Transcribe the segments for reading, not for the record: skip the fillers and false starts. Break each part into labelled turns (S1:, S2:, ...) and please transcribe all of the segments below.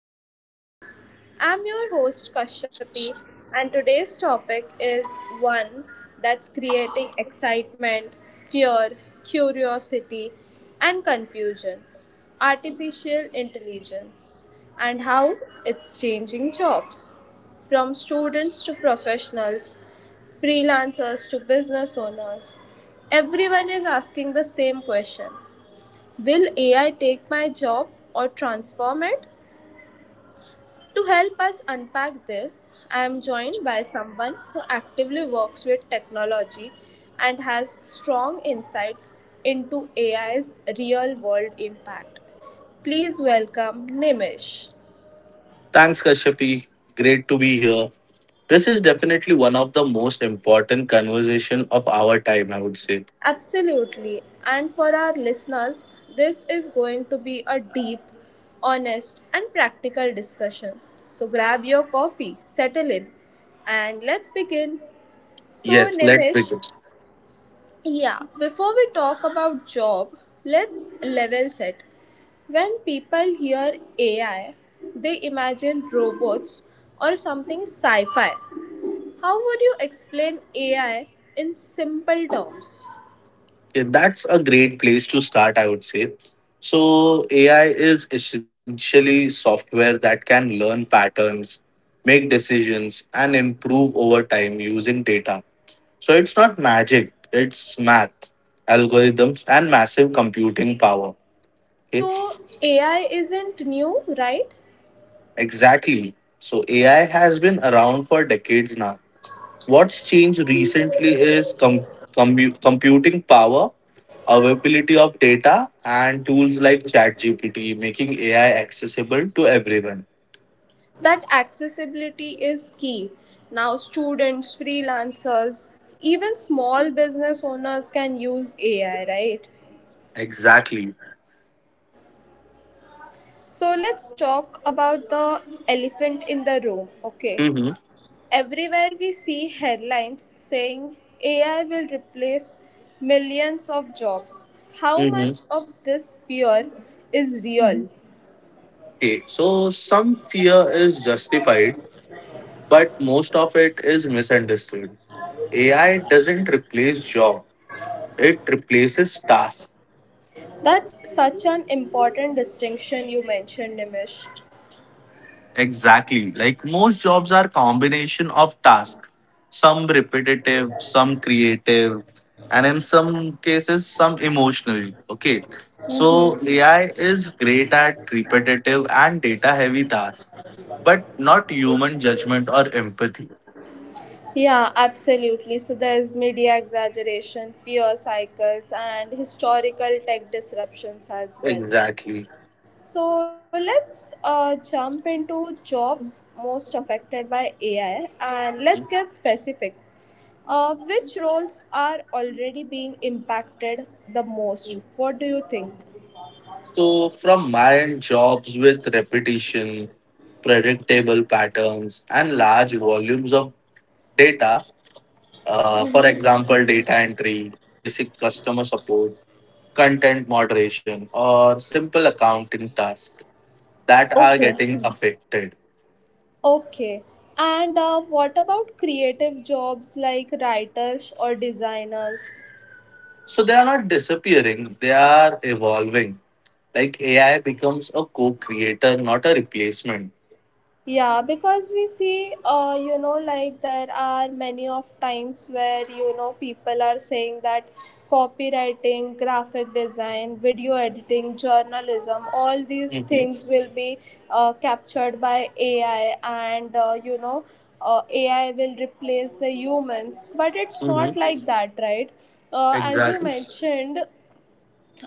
S1: shaping our lives. I'm your host, Kashyapi, and today's topic is one that's creating excitement, fear, curiosity, and confusion: artificial intelligence and how it's changing jobs. From students to professionals, freelancers to business owners, everyone is asking the same question: will AI take my job or transform it? To help us unpack this, I am joined by someone who actively works with technology and has strong insights into AI's real world impact. Please welcome Nimish.
S2: Thanks, Kashyapi. Great to be here. This is definitely one of the most important conversation of our time, I would say.
S1: Absolutely. And for our listeners, this is going to be a deep, honest, and practical discussion. So grab your coffee, settle in, and let's begin. So,
S2: Yes, let's
S1: Nimish,
S2: begin.
S1: yeah, before we talk about job, let's level set. When people hear AI, they imagine robots or something sci fi. How would you explain AI in simple terms?
S2: Okay, that's a great place to start, I would say. So, AI is essentially software that can learn patterns, make decisions, and improve over time using data. So, it's not magic, it's math, algorithms, and massive computing power. Okay?
S1: So, AI isn't new, right?
S2: Exactly. So AI has been around for decades now. What's changed recently is computing power, availability of data, and tools like ChatGPT, making AI accessible to everyone.
S1: That accessibility is key. Now, students, freelancers, even small business owners can use AI, right?
S2: Exactly.
S1: So, let's talk about the elephant in the room, okay?
S2: Mm-hmm.
S1: Everywhere we see headlines saying AI will replace millions of jobs. How
S2: Mm-hmm.
S1: much of this fear is real?
S2: Okay, so some fear is justified, but most of it is misunderstood. AI doesn't replace job; it replaces tasks.
S1: That's such an important distinction you mentioned, Nimish.
S2: Exactly. Like most jobs are combination of tasks, some repetitive, some creative, and in some cases some emotional. Okay. So AI is great at repetitive and data heavy tasks, but not human judgment or empathy.
S1: Yeah, absolutely. So there's media exaggeration, fear cycles, and historical tech disruptions as well.
S2: Exactly.
S1: So let's jump into jobs most affected by AI, and let's get specific. Which roles are already being impacted the most? What do you think?
S2: So, from my end, jobs with repetition, predictable patterns, and large volumes of data. For example, data entry, basic customer support, content moderation, or simple accounting tasks that are
S1: Okay.
S2: getting affected.
S1: Okay. And what about creative jobs like writers or designers?
S2: So they are not disappearing, they are evolving. Like AI becomes a co creator, not a replacement.
S1: Yeah, because we see, you know, like there are many of times where, you know, people are saying that copywriting, graphic design, video editing, journalism, all these
S2: Mm-hmm.
S1: things will be captured by AI and, AI will replace the humans. But it's
S2: Mm-hmm.
S1: not like that, right? As you
S2: Exactly.
S1: mentioned,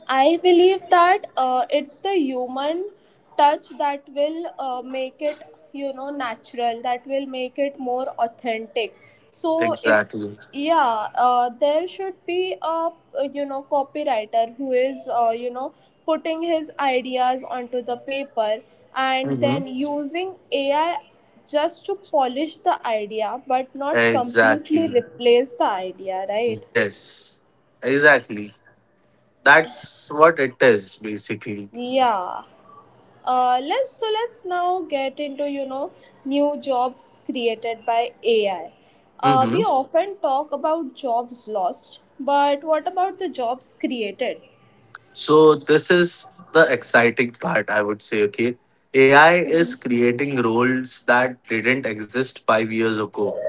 S1: I believe that it's the human touch that will make it, you know, natural, that will make it more authentic. So, if,
S2: Exactly.
S1: yeah, there should be a, you know, copywriter who is, you know, putting his ideas onto the paper and
S2: Mm-hmm.
S1: then using AI just to polish the idea but not completely
S2: Exactly.
S1: replace the idea, right?
S2: Yes. Exactly. That's what it is, basically.
S1: Yeah. Let's so let's now get into, you know, new jobs created by AI. We
S2: Mm-hmm.
S1: often talk about jobs lost, but what about the jobs created?
S2: So this is the exciting part, I would say. Okay, AI is creating roles that didn't exist 5 years ago.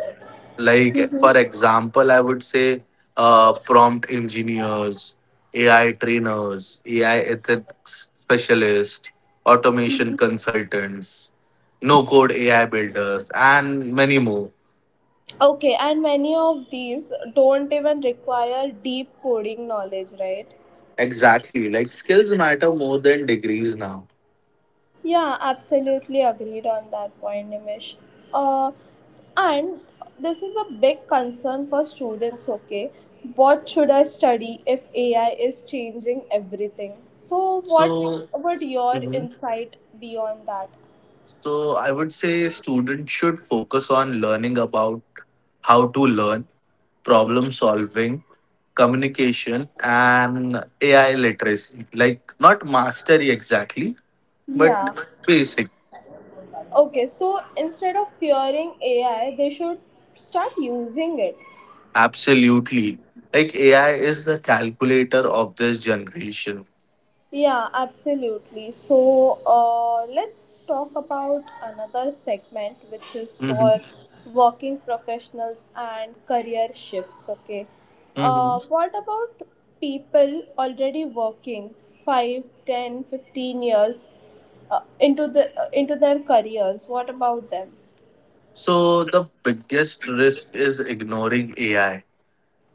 S2: Like for example, I would say prompt engineers, AI trainers, AI ethics specialists, automation consultants, no code AI builders, and many more.
S1: Okay, and many of these don't even require deep coding knowledge, right?
S2: Exactly, like skills matter more than degrees now.
S1: Yeah, absolutely agreed on that point, Nimish. Uh, and this is a big concern for students, okay? What should I study if AI is changing everything? So, what
S2: So.
S1: would your insight be on that?
S2: So I would say students should focus on learning about how to learn, problem solving, communication, and AI literacy. Like not mastery exactly, but
S1: Yeah.
S2: basic.
S1: Okay, so instead of fearing AI, they should start using it.
S2: Absolutely. Like AI is the calculator of this generation.
S1: Yeah, absolutely. So, let's talk about another segment which is
S2: Mhm.
S1: for working professionals and career shifts. Okay.
S2: Mhm.
S1: What about people already working 5, 10, 15 years into the into their careers? What about them?
S2: So the biggest risk is ignoring AI.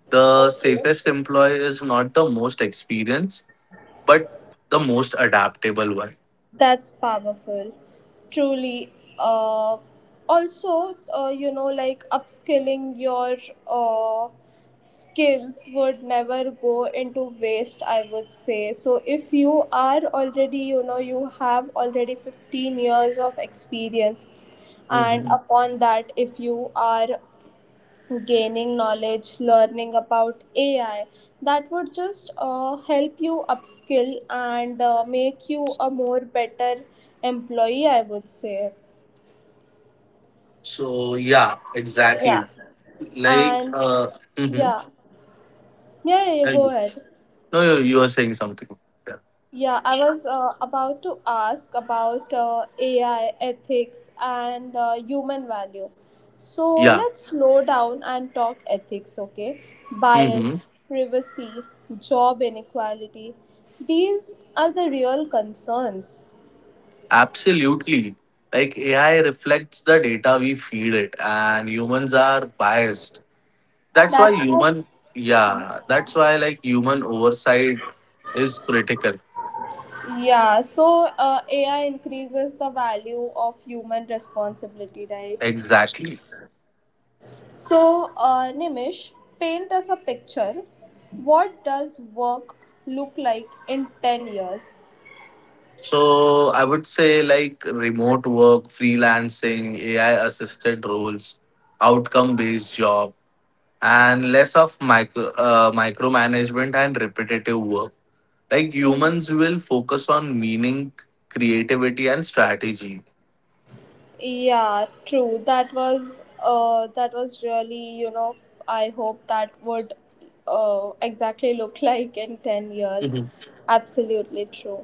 S2: The
S1: Okay.
S2: safest employee is not the most experienced, but the most adaptable one.
S1: That's powerful, truly. Uh, also, you know, like upskilling your uh, skills would never go into waste, I would say. So, if you are already, you know, you have already 15 years of experience, and
S2: Hmm
S1: upon that, if you are gaining knowledge, learning about AI, that would just help you upskill and make you a more better employee, I would say.
S2: So yeah,
S1: Yeah.
S2: exactly. Like
S1: And
S2: uh, mhm.
S1: yeah, yeah, you
S2: Yeah,
S1: go ahead.
S2: no, you are saying something. Yeah.
S1: Yeah, I was about to ask about AI ethics and human value. So
S2: Yeah.
S1: let's slow down and talk ethics, okay?
S2: hmm
S1: Bias, privacy, job inequality. These are the real concerns.
S2: Absolutely. Like AI reflects the data we feed it, and humans are biased. That's why
S1: That's why.
S2: human. Yeah. That's why, like, human oversight is critical.
S1: Yeah, so AI increases the value of human responsibility, right?
S2: Exactly.
S1: So, Nimish, paint us a picture. What does work look like in 10 years?
S2: So I would say, like, remote work, freelancing, AI assisted roles, outcome based job, and less of micromanagement and repetitive work. Like humans will focus on meaning, creativity, and strategy.
S1: Yeah, true. That was really, you know, I hope that would exactly look like in 10 years.
S2: Mhm.
S1: Absolutely true.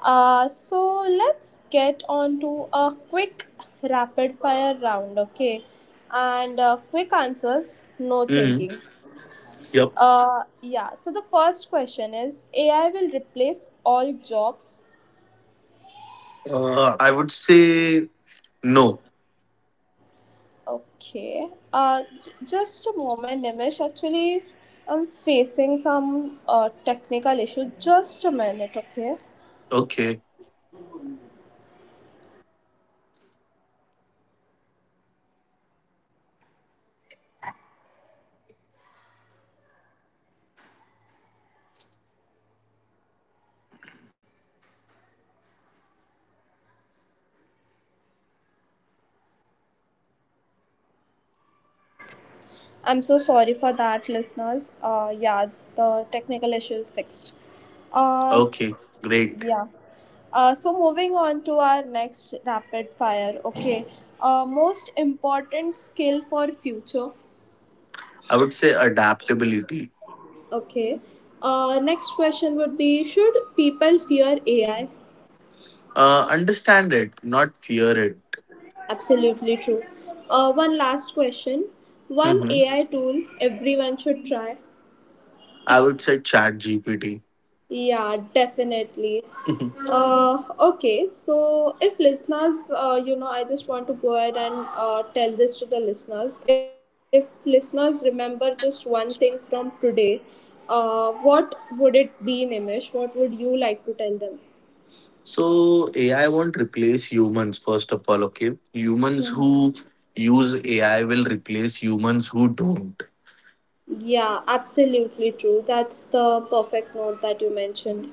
S1: So let's get on to a quick rapid fire round, okay? And quick answers, no
S2: Mhm.
S1: thinking.
S2: Yep.
S1: Yeah, so the first question is: AI will replace all jobs.
S2: I would say no.
S1: Okay. Just a moment, Nimish. Actually, I'm facing some technical issue. Just a minute, okay?
S2: Okay.
S1: I'm so sorry for that, listeners. Yeah, the technical issue is fixed. Uh,
S2: Okay. Great.
S1: yeah. So moving on to our next rapid fire. Okay. Most important skill for future.
S2: I would say adaptability.
S1: Okay. Next question would be: should people fear AI?
S2: Understand it, not fear it.
S1: Absolutely true. One last question. One
S2: Mhm.
S1: AI tool everyone should try.
S2: I would say chat GPT.
S1: Yeah, definitely. Okay, so if listeners, you know, I just want to go ahead and tell this to the listeners. If listeners remember just one thing from today, what would it be, Nimish? What would you like to tell them?
S2: So AI won't replace humans, first of all, okay? Humans who use AI will replace humans who don't.
S1: Yeah, absolutely true. That's the perfect note that you mentioned.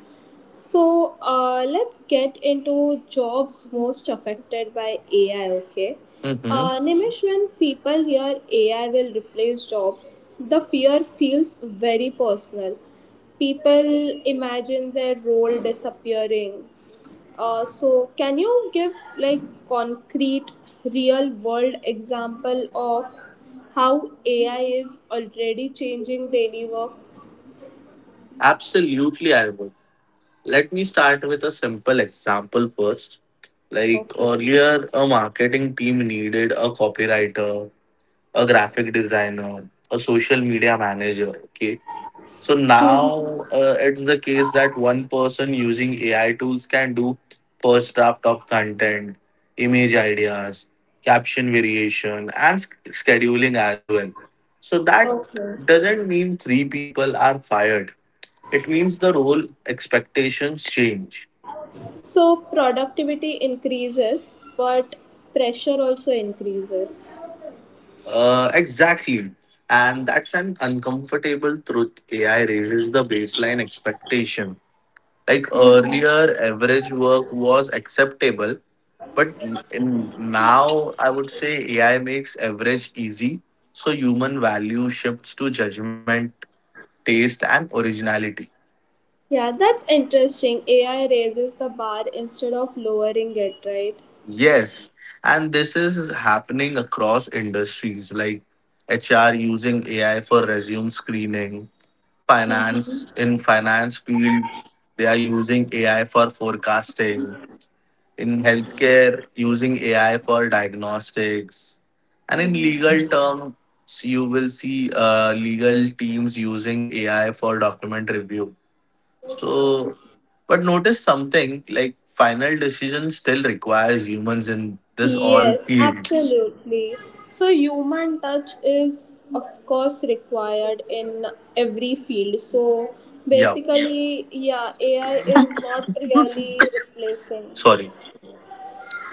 S1: So, let's get into jobs most affected by AI, okay?
S2: Mm-hmm.
S1: Nimish, when people hear AI will replace jobs, the fear feels very personal. People imagine their role disappearing, so can you give like concrete real world example of how AI is already changing daily work?
S2: Absolutely, I would. Let me start with a simple example first. Like
S1: Okay.
S2: earlier, a marketing team needed a copywriter, a graphic designer, a social media manager, okay? So now it's the case that one person using AI tools can do first draft of content, image ideas, caption variation, and scheduling as well. So that
S1: Okay.
S2: doesn't mean three people are fired. It means the role expectations change.
S1: So productivity increases, but pressure also increases.
S2: Exactly. And that's an uncomfortable truth. AI raises the baseline expectation. Like earlier, average work was acceptable. But now I would say AI makes average easy, so human value shifts to judgment, taste, and originality.
S1: Yeah, that's interesting. AI raises the bar instead of lowering it, right?
S2: Yes, and this is happening across industries, like HR using AI for resume screening, finance field they are using AI for forecasting, in healthcare using AI for diagnostics, and in legal terms, you will see legal teams using AI for document review. So, but notice something like final decision still requires humans in this all
S1: Yes,
S2: fields.
S1: absolutely. So, human touch is, of course, required in every field. So,
S2: Yeah,
S1: basically, yeah, AI is not really replacing.
S2: sorry,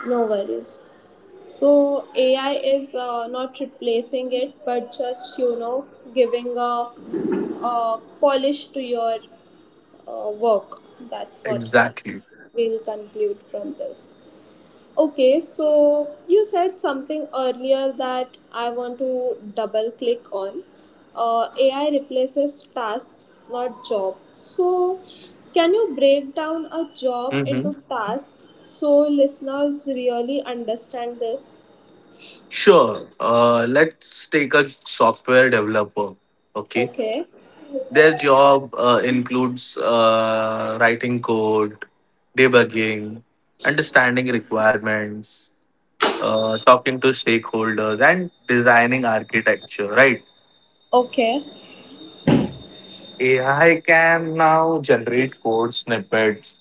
S1: No worries. So, AI is not replacing it, but just, you know, giving a polish to your work. That's what
S2: exactly.
S1: we'll conclude from this. Okay, so you said something earlier that I want to double click on. AI replaces tasks, not job. So, can you break down a job
S2: hmm
S1: into tasks so listeners really understand this?
S2: Sure. Let's take a software developer. Okay.
S1: Okay.
S2: Their job includes writing code, debugging, understanding requirements, talking to stakeholders, and designing architecture, right?
S1: Okay,
S2: AI can now generate code snippets,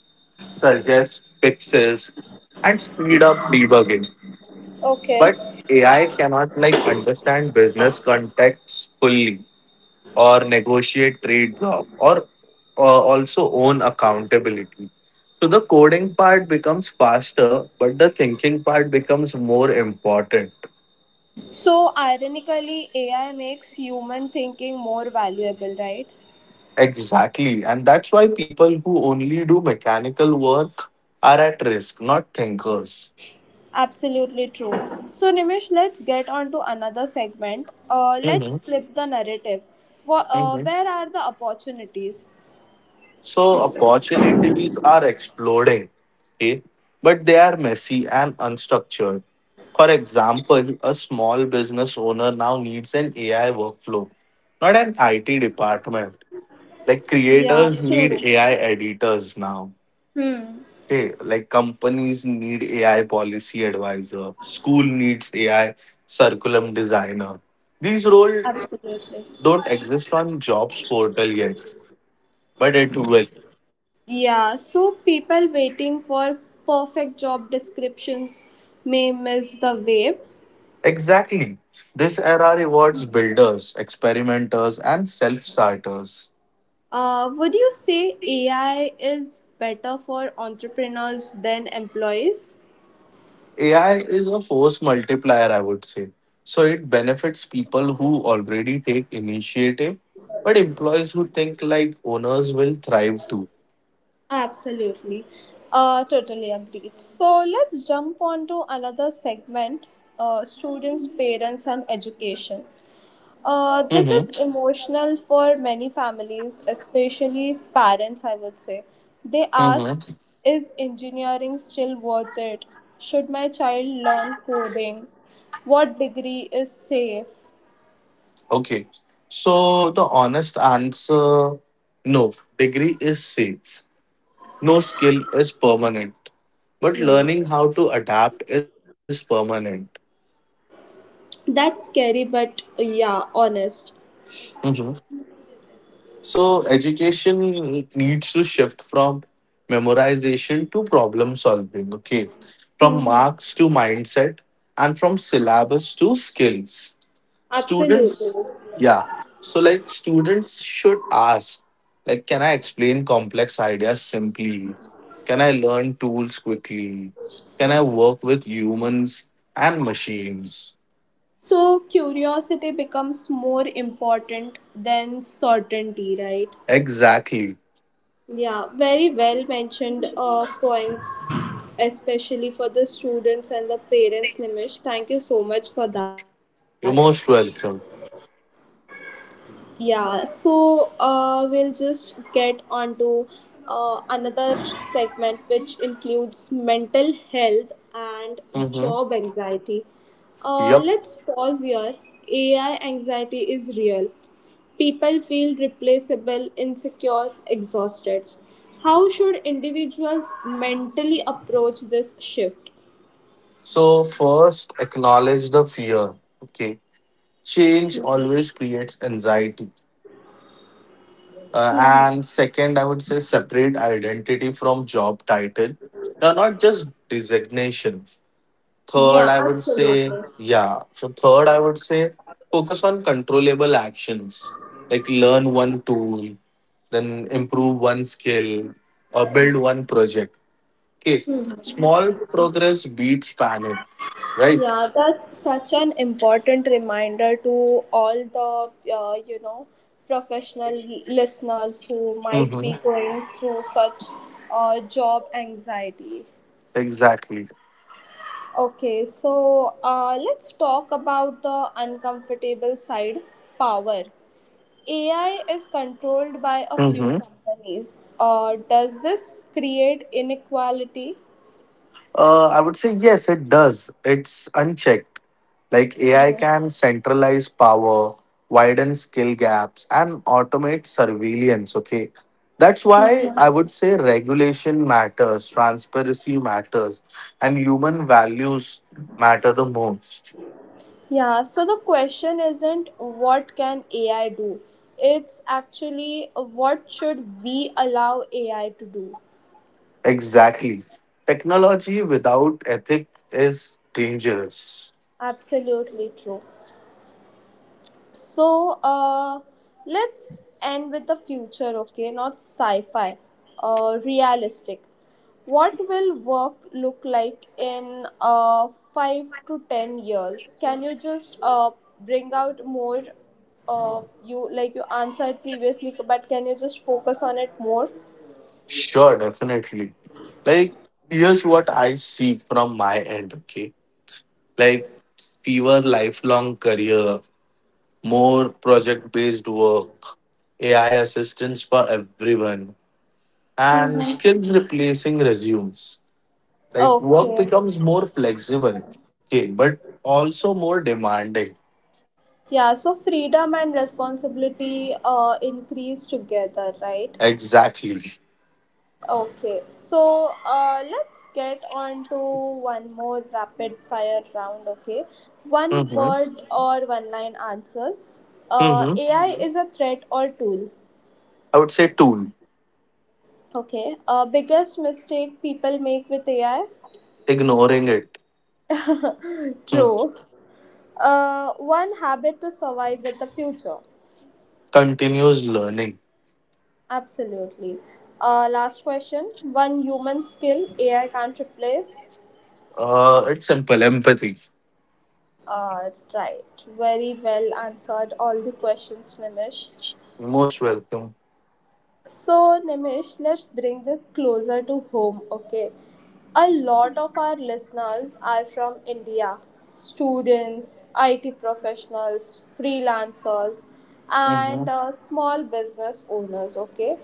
S2: suggest fixes, and speed up debugging. But
S1: okay.
S2: AI cannot, like, understand business context fully, or negotiate trades off, or also own accountability. So the coding part becomes faster, but the thinking part becomes more important.
S1: So, ironically, AI makes human thinking more valuable, right?
S2: Exactly. And that's why people who only do mechanical work are at risk, not thinkers.
S1: Absolutely true. So, Nimish, let's get on to another segment. Let's
S2: Mhm.
S1: flip the narrative. Wha
S2: Mhm.
S1: where are the opportunities?
S2: So opportunities are exploding, okay? But they are messy and unstructured. For example, a small business owner now needs an AI workflow, not an IT department. Like
S1: Yeah,
S2: creators need
S1: true.
S2: AI editors now.
S1: Hmm,
S2: Okay, like companies need AI policy advisor, school needs AI curriculum designer. These roles
S1: absolutely.
S2: don't exist on jobs portal yet, but it will.
S1: Yeah, so people waiting for perfect job descriptions may miss the wave.
S2: Exactly. This era rewards builders, experimenters, and self starters.
S1: Would you say AI is better for entrepreneurs than employees?
S2: AI is a force multiplier, I would say. So it benefits people who already take initiative, but employees who think like owners will thrive too.
S1: Absolutely. Totally agreed. So let's jump on to another segment: students, parents, and education. This
S2: Mm-hmm.
S1: is emotional for many families, especially parents, I would say. They ask:
S2: Mm-hmm.
S1: is engineering still worth it? Should my child learn coding? What degree is safe?
S2: Okay. So the honest answer, no, degree is safe. No skill is permanent, but learning how to adapt is permanent.
S1: That's scary, but yeah, honest.
S2: Mm-hmm. So education needs to shift from memorization to problem solving, okay? From marks to mindset, and from syllabus to skills.
S1: Absolutely.
S2: Students, yeah. So, like, students should ask, like, can I explain complex ideas simply? Can I learn tools quickly? Can I work with humans and machines?
S1: So curiosity becomes more important than certainty, right?
S2: Exactly.
S1: Yeah, very well mentioned points, especially for the students and the parents, Nimish. Thank you so much for that.
S2: You're most welcome.
S1: Yeah, so we'll just get on to another segment which includes mental health and job
S2: Mm-hmm.
S1: anxiety.
S2: Yep.
S1: Let's pause here. AI anxiety is real. People feel replaceable, insecure, exhausted. How should individuals mentally approach this shift?
S2: So first, acknowledge the fear. Okay, change always creates anxiety. And second, I would say separate identity from job title, not just designation. Third,
S1: Yeah,
S2: I would say
S1: absolutely.
S2: yeah. So third, I would say focus on controllable actions, like learn one tool, then improve one skill, or build one project. Okay, small progress beats panic, right?
S1: Yeah, that's such an important reminder to all the, you know, professional listeners who might
S2: Mm-hmm.
S1: be going through such job anxiety.
S2: Exactly.
S1: Okay, so let's talk about the uncomfortable side: power. AI is controlled by a few
S2: hmm
S1: companies. Does this create inequality?
S2: I would say yes, it does. It's unchecked. Like AI can centralize power, widen skill gaps, and automate surveillance. Okay. That's why I would say regulation matters, transparency matters, and human values matter the most.
S1: Yeah, so the question isn't what can AI do? It's actually what should we allow AI to do?
S2: Exactly. Technology without ethics is dangerous.
S1: Absolutely true. So, let's end with the future, okay? Not sci fi, realistic. What will work look like in 5 to 10 years? Can you just bring out more? You like you answered previously, but can you just focus on it more?
S2: Sure, definitely. Like, here's what I see from my end, okay? Like, fewer lifelong career, more project based work, AI assistance for everyone, and skills replacing resumes. Like, work
S1: Okay.
S2: becomes more flexible, okay, but also more demanding.
S1: Yeah, so freedom and responsibility increase together, right?
S2: Exactly.
S1: Okay, so let's get on to one more rapid fire round, okay? One
S2: Mm-hmm.
S1: word or one line answers.
S2: Mm-hmm.
S1: AI is a threat or tool,
S2: I would say tool.
S1: okay? Biggest mistake people make with AI?
S2: Ignoring it. Hmm.
S1: True. One habit to survive with the future.
S2: Continuous learning.
S1: Absolutely. Last question. One human skill AI can't replace.
S2: It's simple empathy.
S1: Right. Very well answered all the questions, Nimish.
S2: Most welcome.
S1: So, Nimish, let's bring this closer to home, okay? A lot of our listeners are from India: students, IT professionals, freelancers,
S2: Hmm
S1: and small business owners, okay?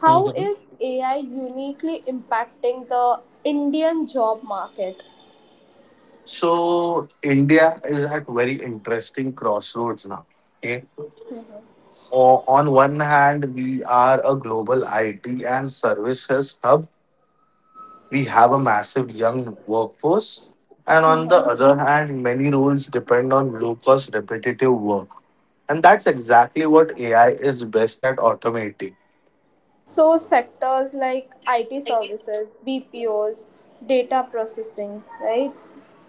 S1: How
S2: hmm
S1: is AI uniquely impacting the Indian job market?
S2: So India is at very interesting crossroads now. Okay. On one hand, we are a global IT and services hub. We have a massive young workforce. And on the other hand, many roles depend on low cost repetitive work. And that's exactly what AI is best at automating.
S1: So, sectors like IT services, BPOs, data processing, right?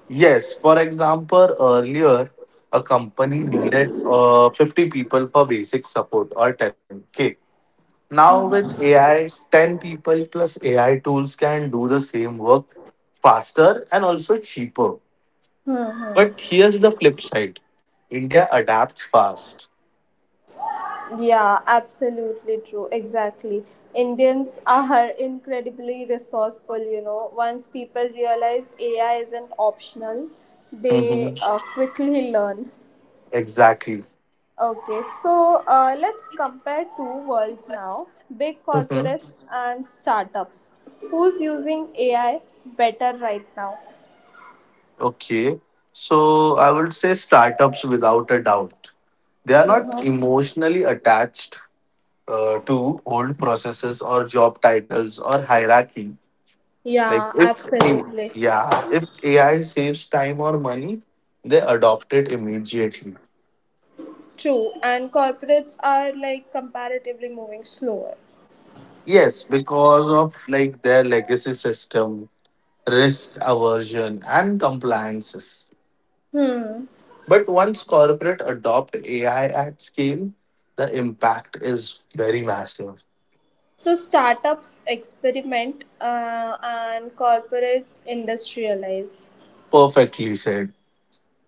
S2: Yes, for example, earlier a company needed 50 people for basic support or testing. Okay. Now with AI, 10 people plus AI tools can do the same work faster and also cheaper. But here's the flip side. India adapts fast.
S1: Yeah, absolutely true. Exactly. Indians are incredibly resourceful, you know. Once people realize AI isn't optional, they
S2: Hmm
S1: quickly learn.
S2: Exactly.
S1: Okay, so let's compare two worlds now: big
S2: hmm
S1: corporates and startups. Who's using AI better right now?
S2: Okay. So I would say startups without a doubt. They are not
S1: Mm-hmm.
S2: emotionally attached to old processes or job titles or hierarchy. Like
S1: Yeah,
S2: if a
S1: absolutely.
S2: yeah, if AI saves time or money, they adopt it immediately.
S1: True. And corporates are like comparatively moving slower.
S2: Yes, because of, like, their legacy system, risk aversion, and compliances.
S1: Hmm.
S2: But once corporate adopt AI at scale, the impact is very massive.
S1: So startups experiment and corporates industrialize.
S2: Perfectly said.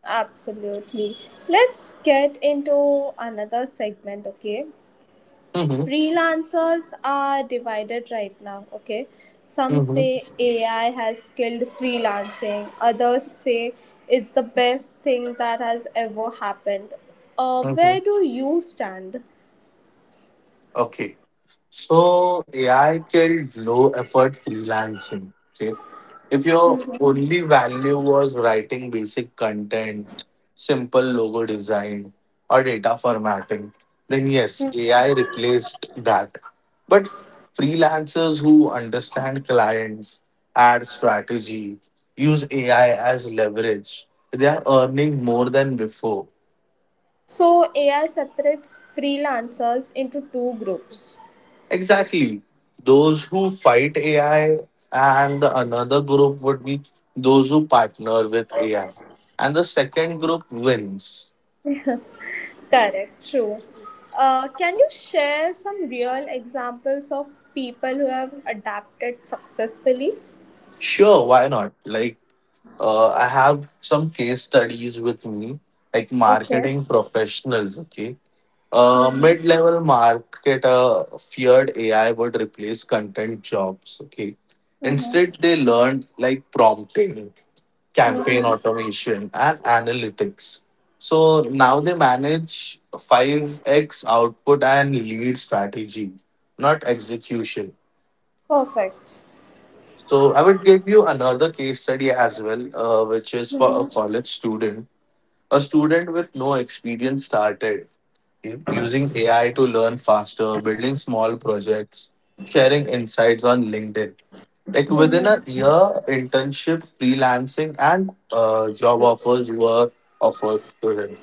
S1: Absolutely. Let's get into another segment, okay?
S2: Mm-hmm.
S1: Freelancers are divided right now, okay? Some
S2: Mm-hmm.
S1: say AI has killed freelancing, others say it's the best thing that has ever happened.
S2: Mm-hmm.
S1: Where do you stand?
S2: Okay. So AI killed low effort freelancing. Okay. If your only value was writing basic content, simple logo design, or data formatting, then yes, AI replaced that. But freelancers who understand clients, ad strategy, use AI as leverage, they are earning more than before.
S1: So, AI separates freelancers into two groups.
S2: Exactly. Those who fight AI, and the another group would be those who partner with AI. And the second group wins.
S1: Correct, true. Can you share some real examples of people who have adapted successfully?
S2: Sure, why not? I have some case studies with me, like
S1: Okay,
S2: marketing professionals, okay? Mid-level marketer feared AI would replace content jobs, okay? Instead, they learned like prompting, campaign automation, and analytics. So now they manage 5x output and lead strategy, not execution.
S1: perfect.
S2: So I would give you another case study as well, which is for a college student. A student with no experience started using AI to learn faster, building small projects, sharing insights on LinkedIn. Like within a year, internship, freelancing, and job offers were offered to him.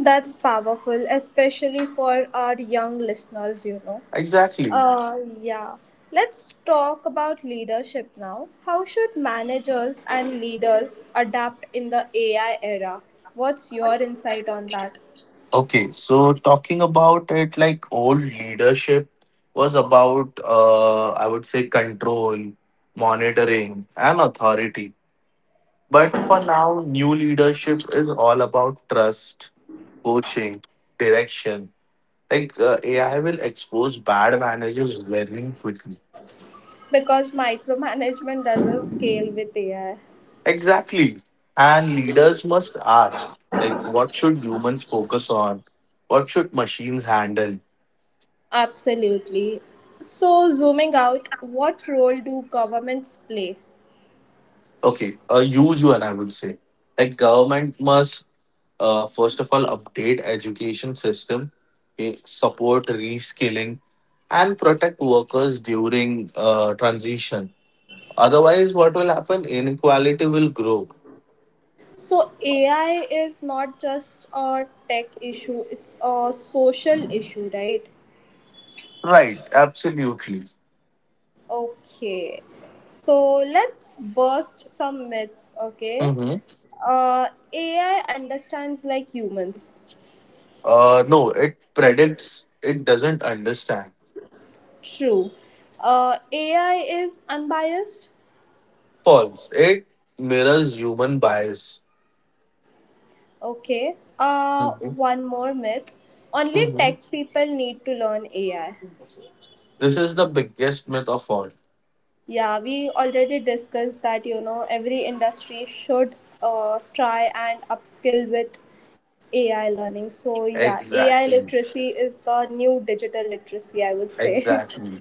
S1: That's powerful, especially for our young listeners, you know.
S2: Exactly.
S1: Yeah. Let's talk about leadership now. How should managers and leaders adapt in the AI era? What's your insight on that?
S2: Okay, so talking about it, like old leadership was about, I would say, control, monitoring, and authority. But for now, new leadership is all about trust, coaching, direction. Like AI will expose bad managers very quickly.
S1: Because micromanagement doesn't scale with AI.
S2: Exactly. And leaders must ask, like, what should humans focus on? What should machines handle?
S1: Absolutely. So, zooming out, what role do governments play?
S2: Okay, a huge one, I would say. Like, government must, first of all, update education system, support reskilling, and protect workers during transition. Otherwise, what will happen? Inequality will grow.
S1: So, AI is not just a tech issue, it's a social issue, right?
S2: Right, absolutely.
S1: Okay. So, let's burst some myths, okay?
S2: Mm-hmm.
S1: Uh, AI understands like humans.
S2: No, it predicts, it doesn't understand.
S1: True. AI is unbiased.
S2: False. It mirrors human bias.
S1: Okay.
S2: Mhm,
S1: One more myth. Only
S2: mhm.
S1: tech people need to learn AI.
S2: This is the biggest myth of all.
S1: Yeah, we already discussed that, you know, every industry should try and upskill with AI learning. So, yeah, AI
S2: Exactly.
S1: literacy is the new digital literacy, I would say.
S2: Exactly.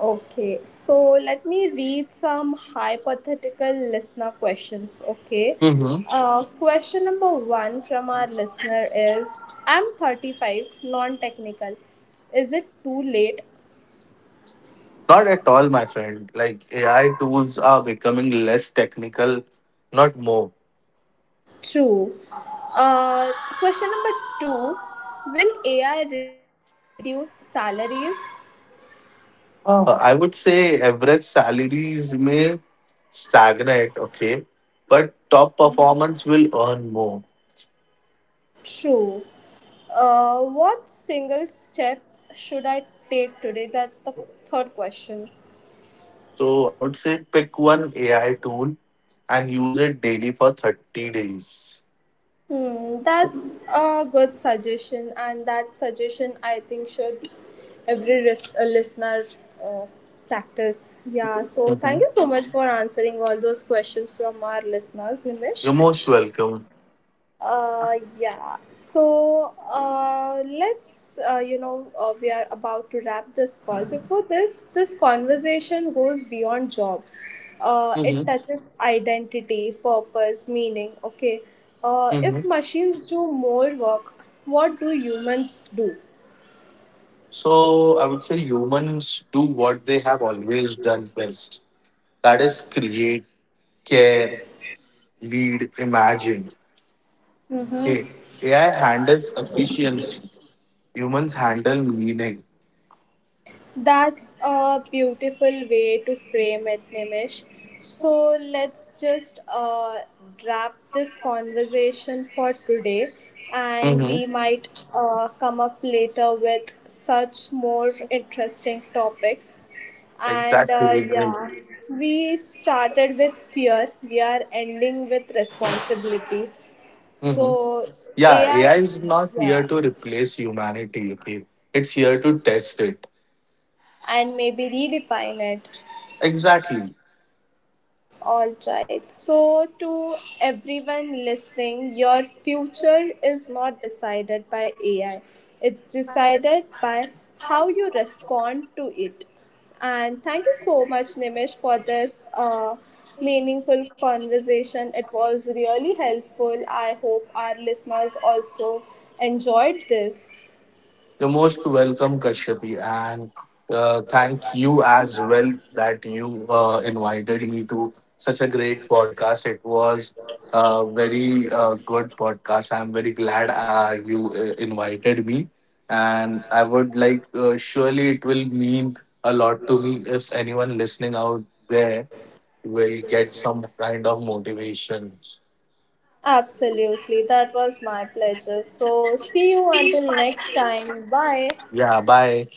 S1: Okay, so let me read some hypothetical listener questions. Okay,
S2: hmm
S1: question number one from our listener is: I'm 35, non technical. Is it too late?
S2: Not at all, my friend. Like AI tools are becoming less technical, not more.
S1: True. Uh, Question number two: will AI reduce salaries?
S2: I would say average salaries may stagnate, okay, but top performance will earn more.
S1: True. What single step should I take today? That's the third question.
S2: So I would say pick one AI tool and use it daily for 30 days.
S1: Hmm, that's a good suggestion, and that suggestion I think should every listener uh, practice. Yeah, so thank
S2: Hmm
S1: you so much for answering all those questions from our listeners, Nimish.
S2: You're most welcome.
S1: Yeah. So let's, you know, we are about to wrap this call. Before this, conversation goes beyond jobs. It
S2: Hmm
S1: touches identity, purpose, meaning. Okay.
S2: hmm
S1: If machines do more work, what do humans do?
S2: So I would say humans do what they have always done best. That is create, care, lead, imagine. Hey, AI handles efficiency. Humans handle meaning.
S1: That's a beautiful way to frame it, Nimish. So let's just wrap this conversation for today, and
S2: Hmm
S1: we might come up later with such more interesting topics. And
S2: Exactly. Mm-hmm.
S1: yeah, we started with fear, we are ending with responsibility. So,
S2: Yeah, AI
S1: AI,
S2: is not here
S1: yeah,
S2: to replace humanity. Okay, it's here to test it.
S1: and maybe redefine it.
S2: Exactly.
S1: All right. So, to everyone listening, your future is not decided by AI, it's decided by how you respond to it. And thank you so much, Nimish, for this meaningful conversation. It was really helpful. I hope our listeners also enjoyed this.
S2: You're most welcome, Kashyapi, and thank you as well that you invited me to such a great podcast. It was a very good podcast. I'm very glad you invited me, and I would like, surely it will mean a lot to me if anyone listening out there will get some kind of motivation.
S1: Absolutely. That was my pleasure. So, see you until next time. Bye.
S2: Yeah, bye.